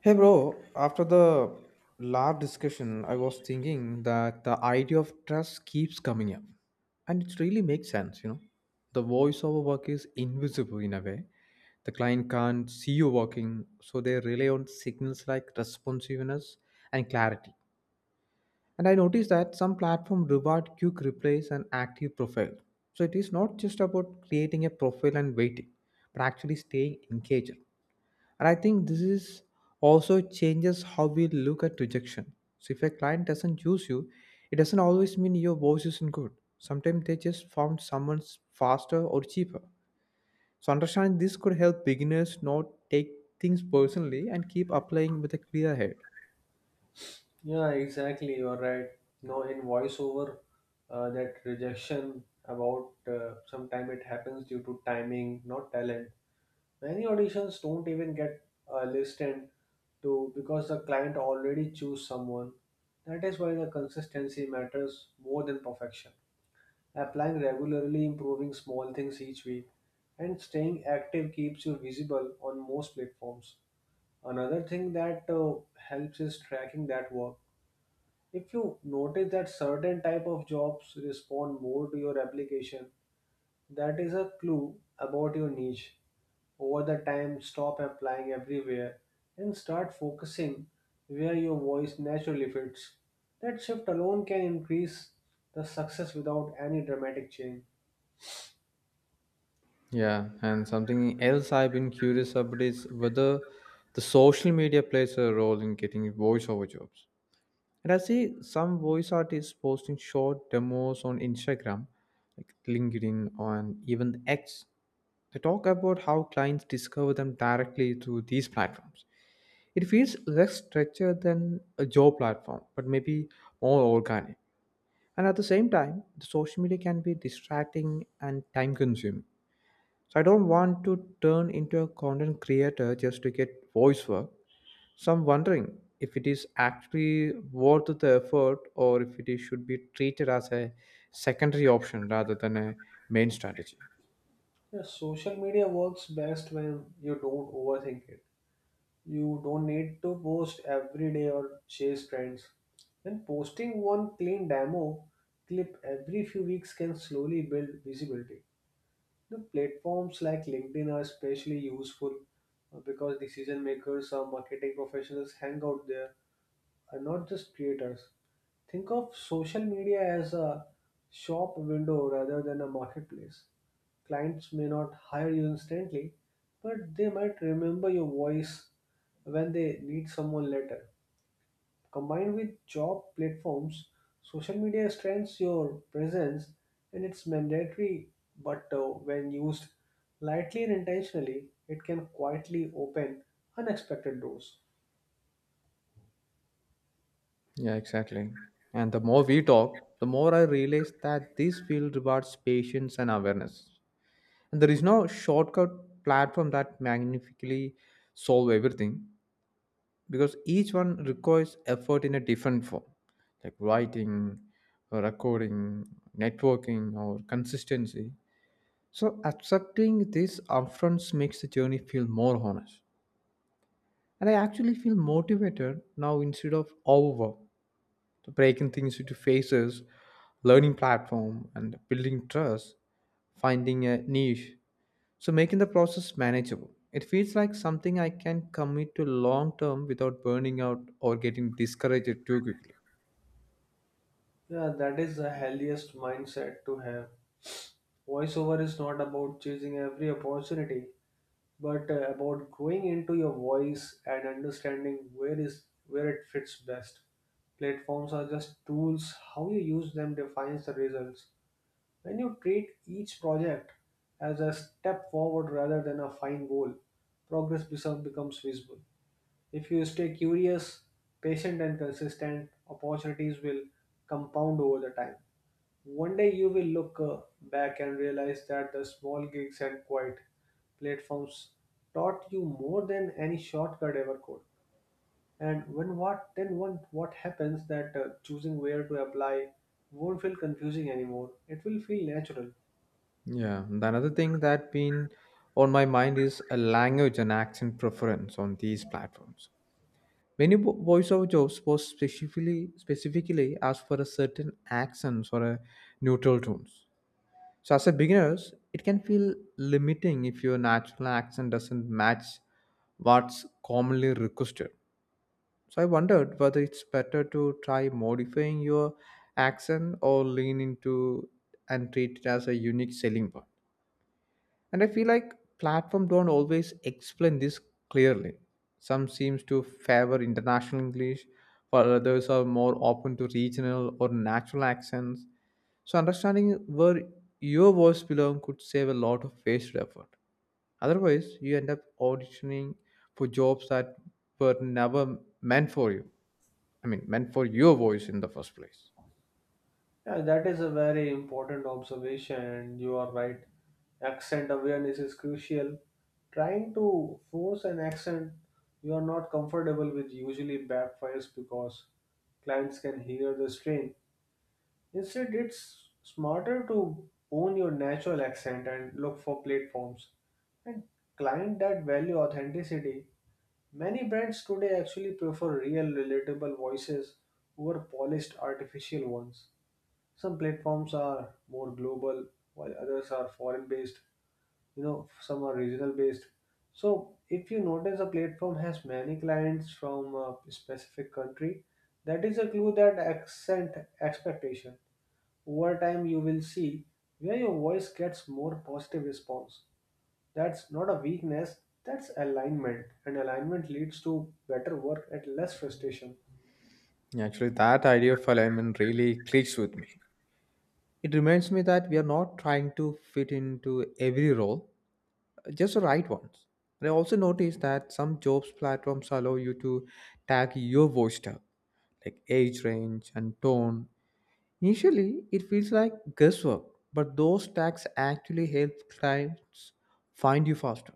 Hey bro, after the last discussion, I was thinking that the idea of trust keeps coming up. And it really makes sense, you know. The voiceover work is invisible in a way. The client can't see you working, so they rely on signals like responsiveness and clarity. And I noticed that some platform reward quick replies and active profile. So it is not just about creating a profile and waiting, but actually staying engaged. And I think this is also changes how we look at rejection. So if a client doesn't choose you, it doesn't always mean your voice isn't good. Sometimes they just found someone faster or cheaper. So understanding this could help beginners not take things personally and keep applying with a clear head. Yeah, exactly. You're right. No, in voiceover, that rejection about sometime it happens due to timing, not talent. Many auditions don't even get listened to because the client already choose someone. That is why the consistency matters more than perfection. Applying regularly, improving small things each week, and staying active keeps you visible on most platforms. Another thing that helps is tracking that work if you notice that certain type of jobs respond more to your application, that is a clue about your niche. Over the time, stop applying everywhere and start focusing where your voice naturally fits. That shift alone can increase the success without any dramatic change. Yeah, and something else I've been curious about is whether the social media plays a role in getting voiceover jobs. And I see some voice artists posting short demos on Instagram, like LinkedIn, on even X. They talk about how clients discover them directly through these platforms. It feels less structured than a job platform, but maybe more organic. And at the same time, the social media can be distracting and time consuming. So I don't want to turn into a content creator just to get voice work. So I'm wondering if it is actually worth the effort or if it is, should be treated as a secondary option rather than a main strategy. Yeah, social media works best when you don't overthink it. You don't need to post every day or chase trends. And posting one clean demo clip every few weeks can slowly build visibility. The platforms like LinkedIn are especially useful because decision makers or marketing professionals hang out there are not just creators. Think of social media as a shop window rather than a marketplace. Clients may not hire you instantly, but they might remember your voice when they need someone later. Combined with job platforms, social media strengthens your presence and it's mandatory, but when used lightly and intentionally, it can quietly open unexpected doors. Yeah, exactly. And the more we talk, the more I realize that this field rewards patience and awareness. And there is no shortcut platform that magnificently solve everything because each one requires effort in a different form, like writing, recording, networking, or consistency. So accepting this upfront makes the journey feel more honest. And I actually feel motivated now instead of overwhelmed. So breaking things into phases, learning platform and building trust, finding a niche. So making the process manageable. It feels like something I can commit to long term without burning out or getting discouraged too quickly. Yeah, that is the healthiest mindset to have. Voiceover is not about chasing every opportunity, but about growing into your voice and understanding where it fits best. Platforms are just tools. How you use them defines the results. When you treat each project as a step forward rather than a fine goal, becomes visible. If you stay curious, patient, and consistent, opportunities will compound over the time. One day you will look back and realize that the small gigs and quiet platforms taught you more than any shortcut ever could. And when what then one what happens that choosing where to apply won't feel confusing anymore. It will feel natural. Yeah, and another thing that been on my mind is a language and accent preference on these platforms. Many voiceover jobs was specifically asked for a certain accents or a neutral tones. So as a beginners, it can feel limiting if your natural accent doesn't match what's commonly requested. So I wondered whether it's better to try modifying your accent or lean into and treat it as a unique selling point. And I feel like platform don't always explain this clearly. Some seems to favor international English while others are more open to regional or natural accents. So understanding where your voice belongs could save a lot of wasted effort. Otherwise you end up auditioning for jobs that were never meant for you meant for your voice in the first place. Yeah, that is a very important observation, and you are right. Accent awareness is crucial. Trying to force an accent you are not comfortable with usually backfires because clients can hear the strain. Instead, it's smarter to own your natural accent and look for platforms and client that value authenticity. Many brands today actually prefer real, relatable voices over polished, artificial ones. Some platforms are more global, while others are foreign based. You know, some are regional based. So, if you notice a platform has many clients from a specific country, that is a clue that accent expectation. Over time, you will see where your voice gets more positive response. That's not a weakness, that's alignment. And alignment leads to better work at less frustration. Actually, that idea of alignment really clicks with me. It reminds me that we are not trying to fit into every role, just the right ones. And I also noticed that some jobs platforms allow you to tag your voice type, like age range and tone. Initially, it feels like guesswork, but those tags actually help clients find you faster.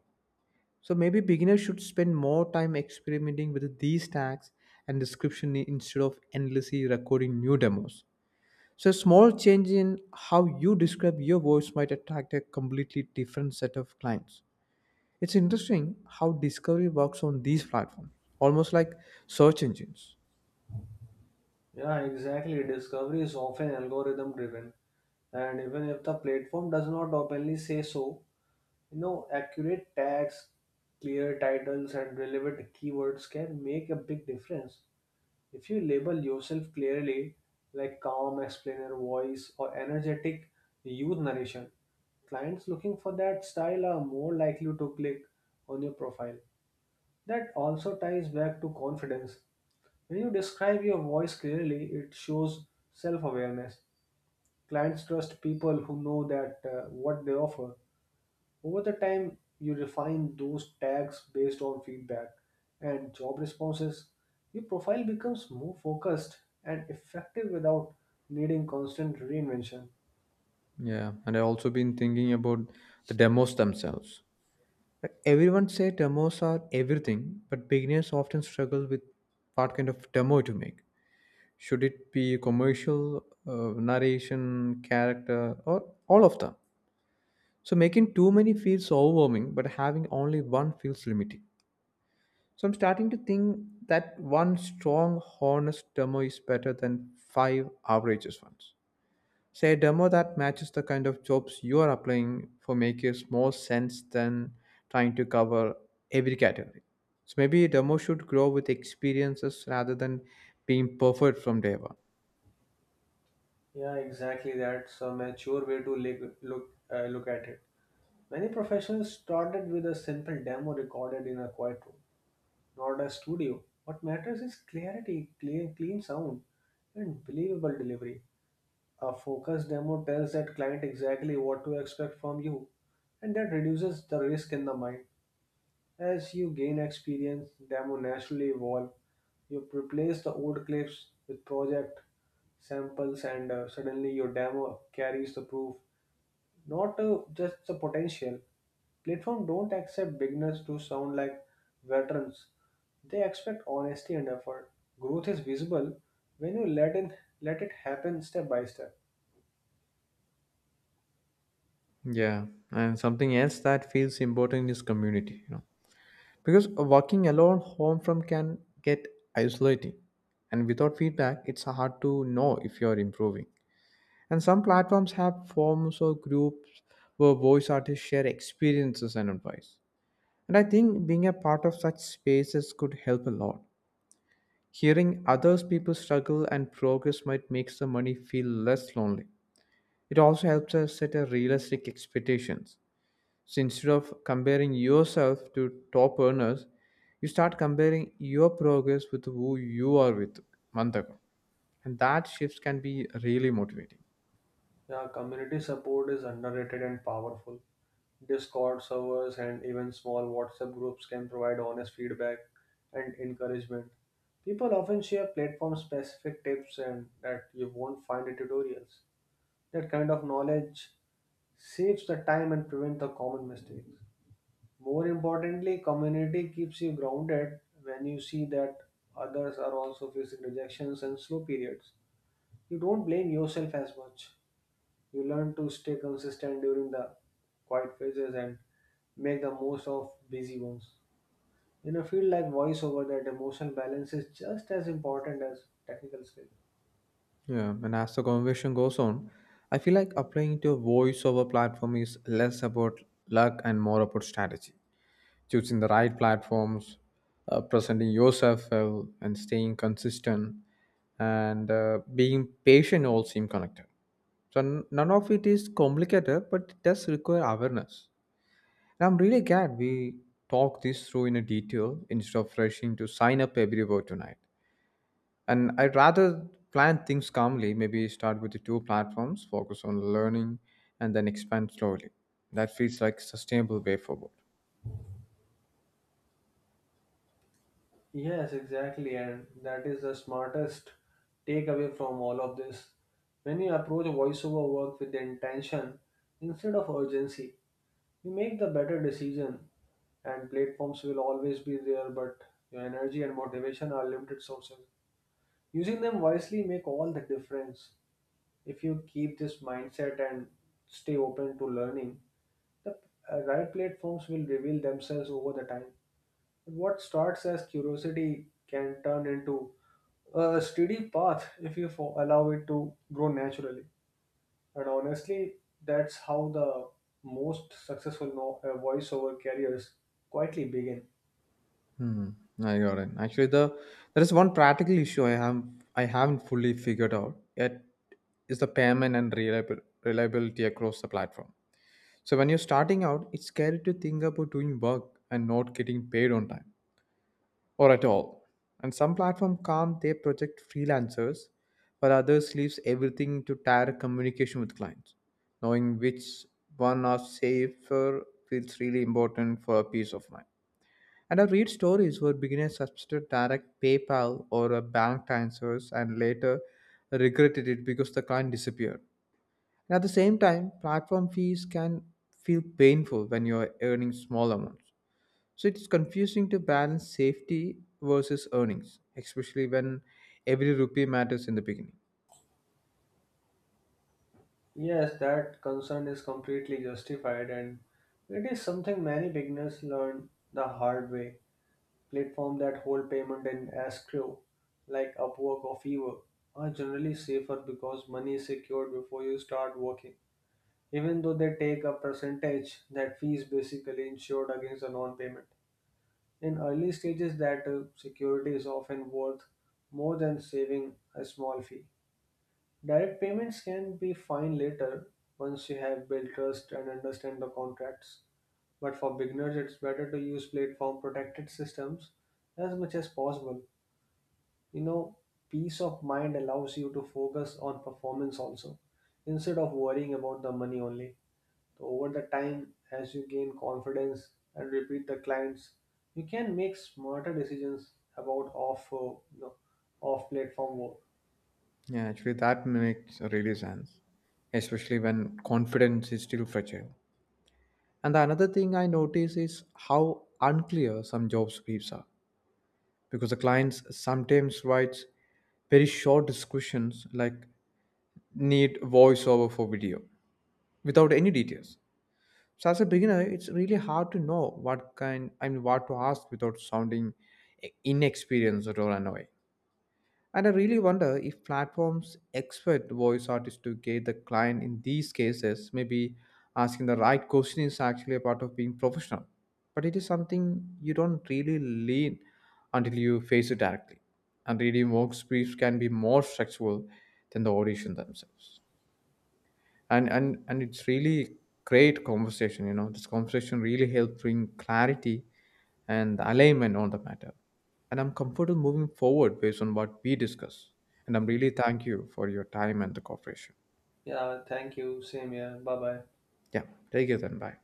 So maybe beginners should spend more time experimenting with these tags and description instead of endlessly recording new demos. So, a small change in how you describe your voice might attract a completely different set of clients. It's interesting how discovery works on these platforms, almost like search engines. Yeah, exactly. Discovery is often algorithm driven. And even if the platform does not openly say so, you know, accurate tags, clear titles, and relevant keywords can make a big difference. If you label yourself clearly like calm explainer voice or energetic youth narration, clients looking for that style are more likely to click on your profile. That also ties back to confidence. When you describe your voice clearly, it shows self-awareness. Clients trust people who know that what they offer. Over the time, you refine those tags based on feedback and job responses. Your profile becomes more focused and effective without needing constant reinvention. Yeah, and I've also been thinking about the demos themselves. Like, everyone say demos are everything, but beginners often struggle with what kind of demo to make. Should it be commercial, narration, character, or all of them? So making too many feels overwhelming, but having only one feels limiting. So I'm starting to think that one strong, honest demo is better than five averages ones. Say a demo that matches the kind of jobs you are applying for makes more sense than trying to cover every category. So maybe a demo should grow with experiences rather than being perfect from day one. Yeah, exactly. That's a mature way to look at it. Many professionals started with a simple demo recorded in a quiet room, not a studio. What matters is clarity, clean sound, and believable delivery. A focus demo tells that client exactly what to expect from you, and that reduces the risk in the mind. As you gain experience, demo naturally evolve. You replace the old clips with project samples, and suddenly your demo carries the proof, not just the potential. Platform don't accept beginners to sound like veterans. They expect honesty and effort. Growth is visible when you let it happen step by step. Yeah, and something else that feels important is community. You know, because working alone home from can get isolating, and without feedback, it's hard to know if you're improving. And some platforms have forums or groups where voice artists share experiences and advice. And I think being a part of such spaces could help a lot. Hearing others people struggle and progress might make the money feel less lonely. It also helps us set a realistic expectations so instead of comparing yourself to top earners, you start comparing your progress with who you are with month ago. And that shifts can be really motivating. Yeah, community support is underrated and powerful. Discord servers and even small WhatsApp groups can provide honest feedback and encouragement. People often share platform specific tips and that you won't find in tutorials. That kind of knowledge saves the time and prevents the common mistakes. More importantly, community keeps you grounded when you see that others are also facing rejections and slow periods. You don't blame yourself as much. You learn to stay consistent during the quiet phases and make the most of busy ones. In a field like voiceover, that emotional balance is just as important as technical skill. Yeah, and as the conversation goes on, I feel like applying to a voiceover platform is less about luck and more about strategy. Choosing the right platforms, presenting yourself well, and staying consistent, and being patient all seem connected. So none of it is complicated, but it does require awareness. And I'm really glad we talked this through in a detail instead of rushing to sign up everywhere tonight. And I'd rather plan things calmly, maybe start with the two platforms, focus on learning, and then expand slowly. That feels like a sustainable way forward. Yes, exactly, and that is the smartest takeaway from all of this. When you approach voiceover work with the intention instead of urgency, you make the better decision, and platforms will always be there, but your energy and motivation are limited sources. Using them wisely make all the difference. If you keep this mindset and stay open to learning, the right platforms will reveal themselves over the time. What starts as curiosity can turn into a steady path if you allow it to grow naturally. And honestly, that's how the most successful no- voiceover careers quietly begin. Mm, I got it. Actually, there is one practical issue I have. I haven't fully figured out yet is the payment and reliability across the platform. So when you're starting out, it's scary to think about doing work and not getting paid on time or at all. And some platform come they project freelancers, but others leaves everything to direct communication with clients. Knowing which one are safer feels really important for a peace of mind. And I read stories where beginners substitute direct PayPal or a bank transfers and later regretted it because the client disappeared. And at the same time, platform fees can feel painful when you're earning small amounts. So it's confusing to balance safety versus earnings, especially when every rupee matters in the beginning. Yes, that concern is completely justified, and it is something many beginners learn the hard way. Platforms that hold payment in escrow, like Upwork or Fiverr, are generally safer because money is secured before you start working. Even though they take a percentage, that fee is basically insured against a non-payment. In early stages, that security is often worth more than saving a small fee. Direct payments can be fine later once you have built trust and understand the contracts. But for beginners, it's better to use platform protected systems as much as possible. You know, peace of mind allows you to focus on performance also instead of worrying about the money only. So over the time, as you gain confidence and repeat the clients, you can make smarter decisions about off platform work. Yeah, actually, that makes really sense, especially when confidence is still fragile. And the another thing I notice is how unclear some job briefs are, because the clients sometimes writes very short descriptions like need voiceover for video without any details. So as a beginner, it's really hard to know what kind I mean what to ask without sounding inexperienced or annoying. And I really wonder if platforms expect voice artists to get the client in these cases. Maybe asking the right question is actually a part of being professional. But it is something you don't really learn until you face it directly. And reading works briefs can be more structural than the audition themselves. And it's really great conversation. This conversation really helped bring clarity and alignment on the matter, and I'm comfortable moving forward based on what we discuss, and I'm really thank you for your time and the cooperation. Yeah, thank you. Same here. Bye bye. Yeah, take it then. Bye.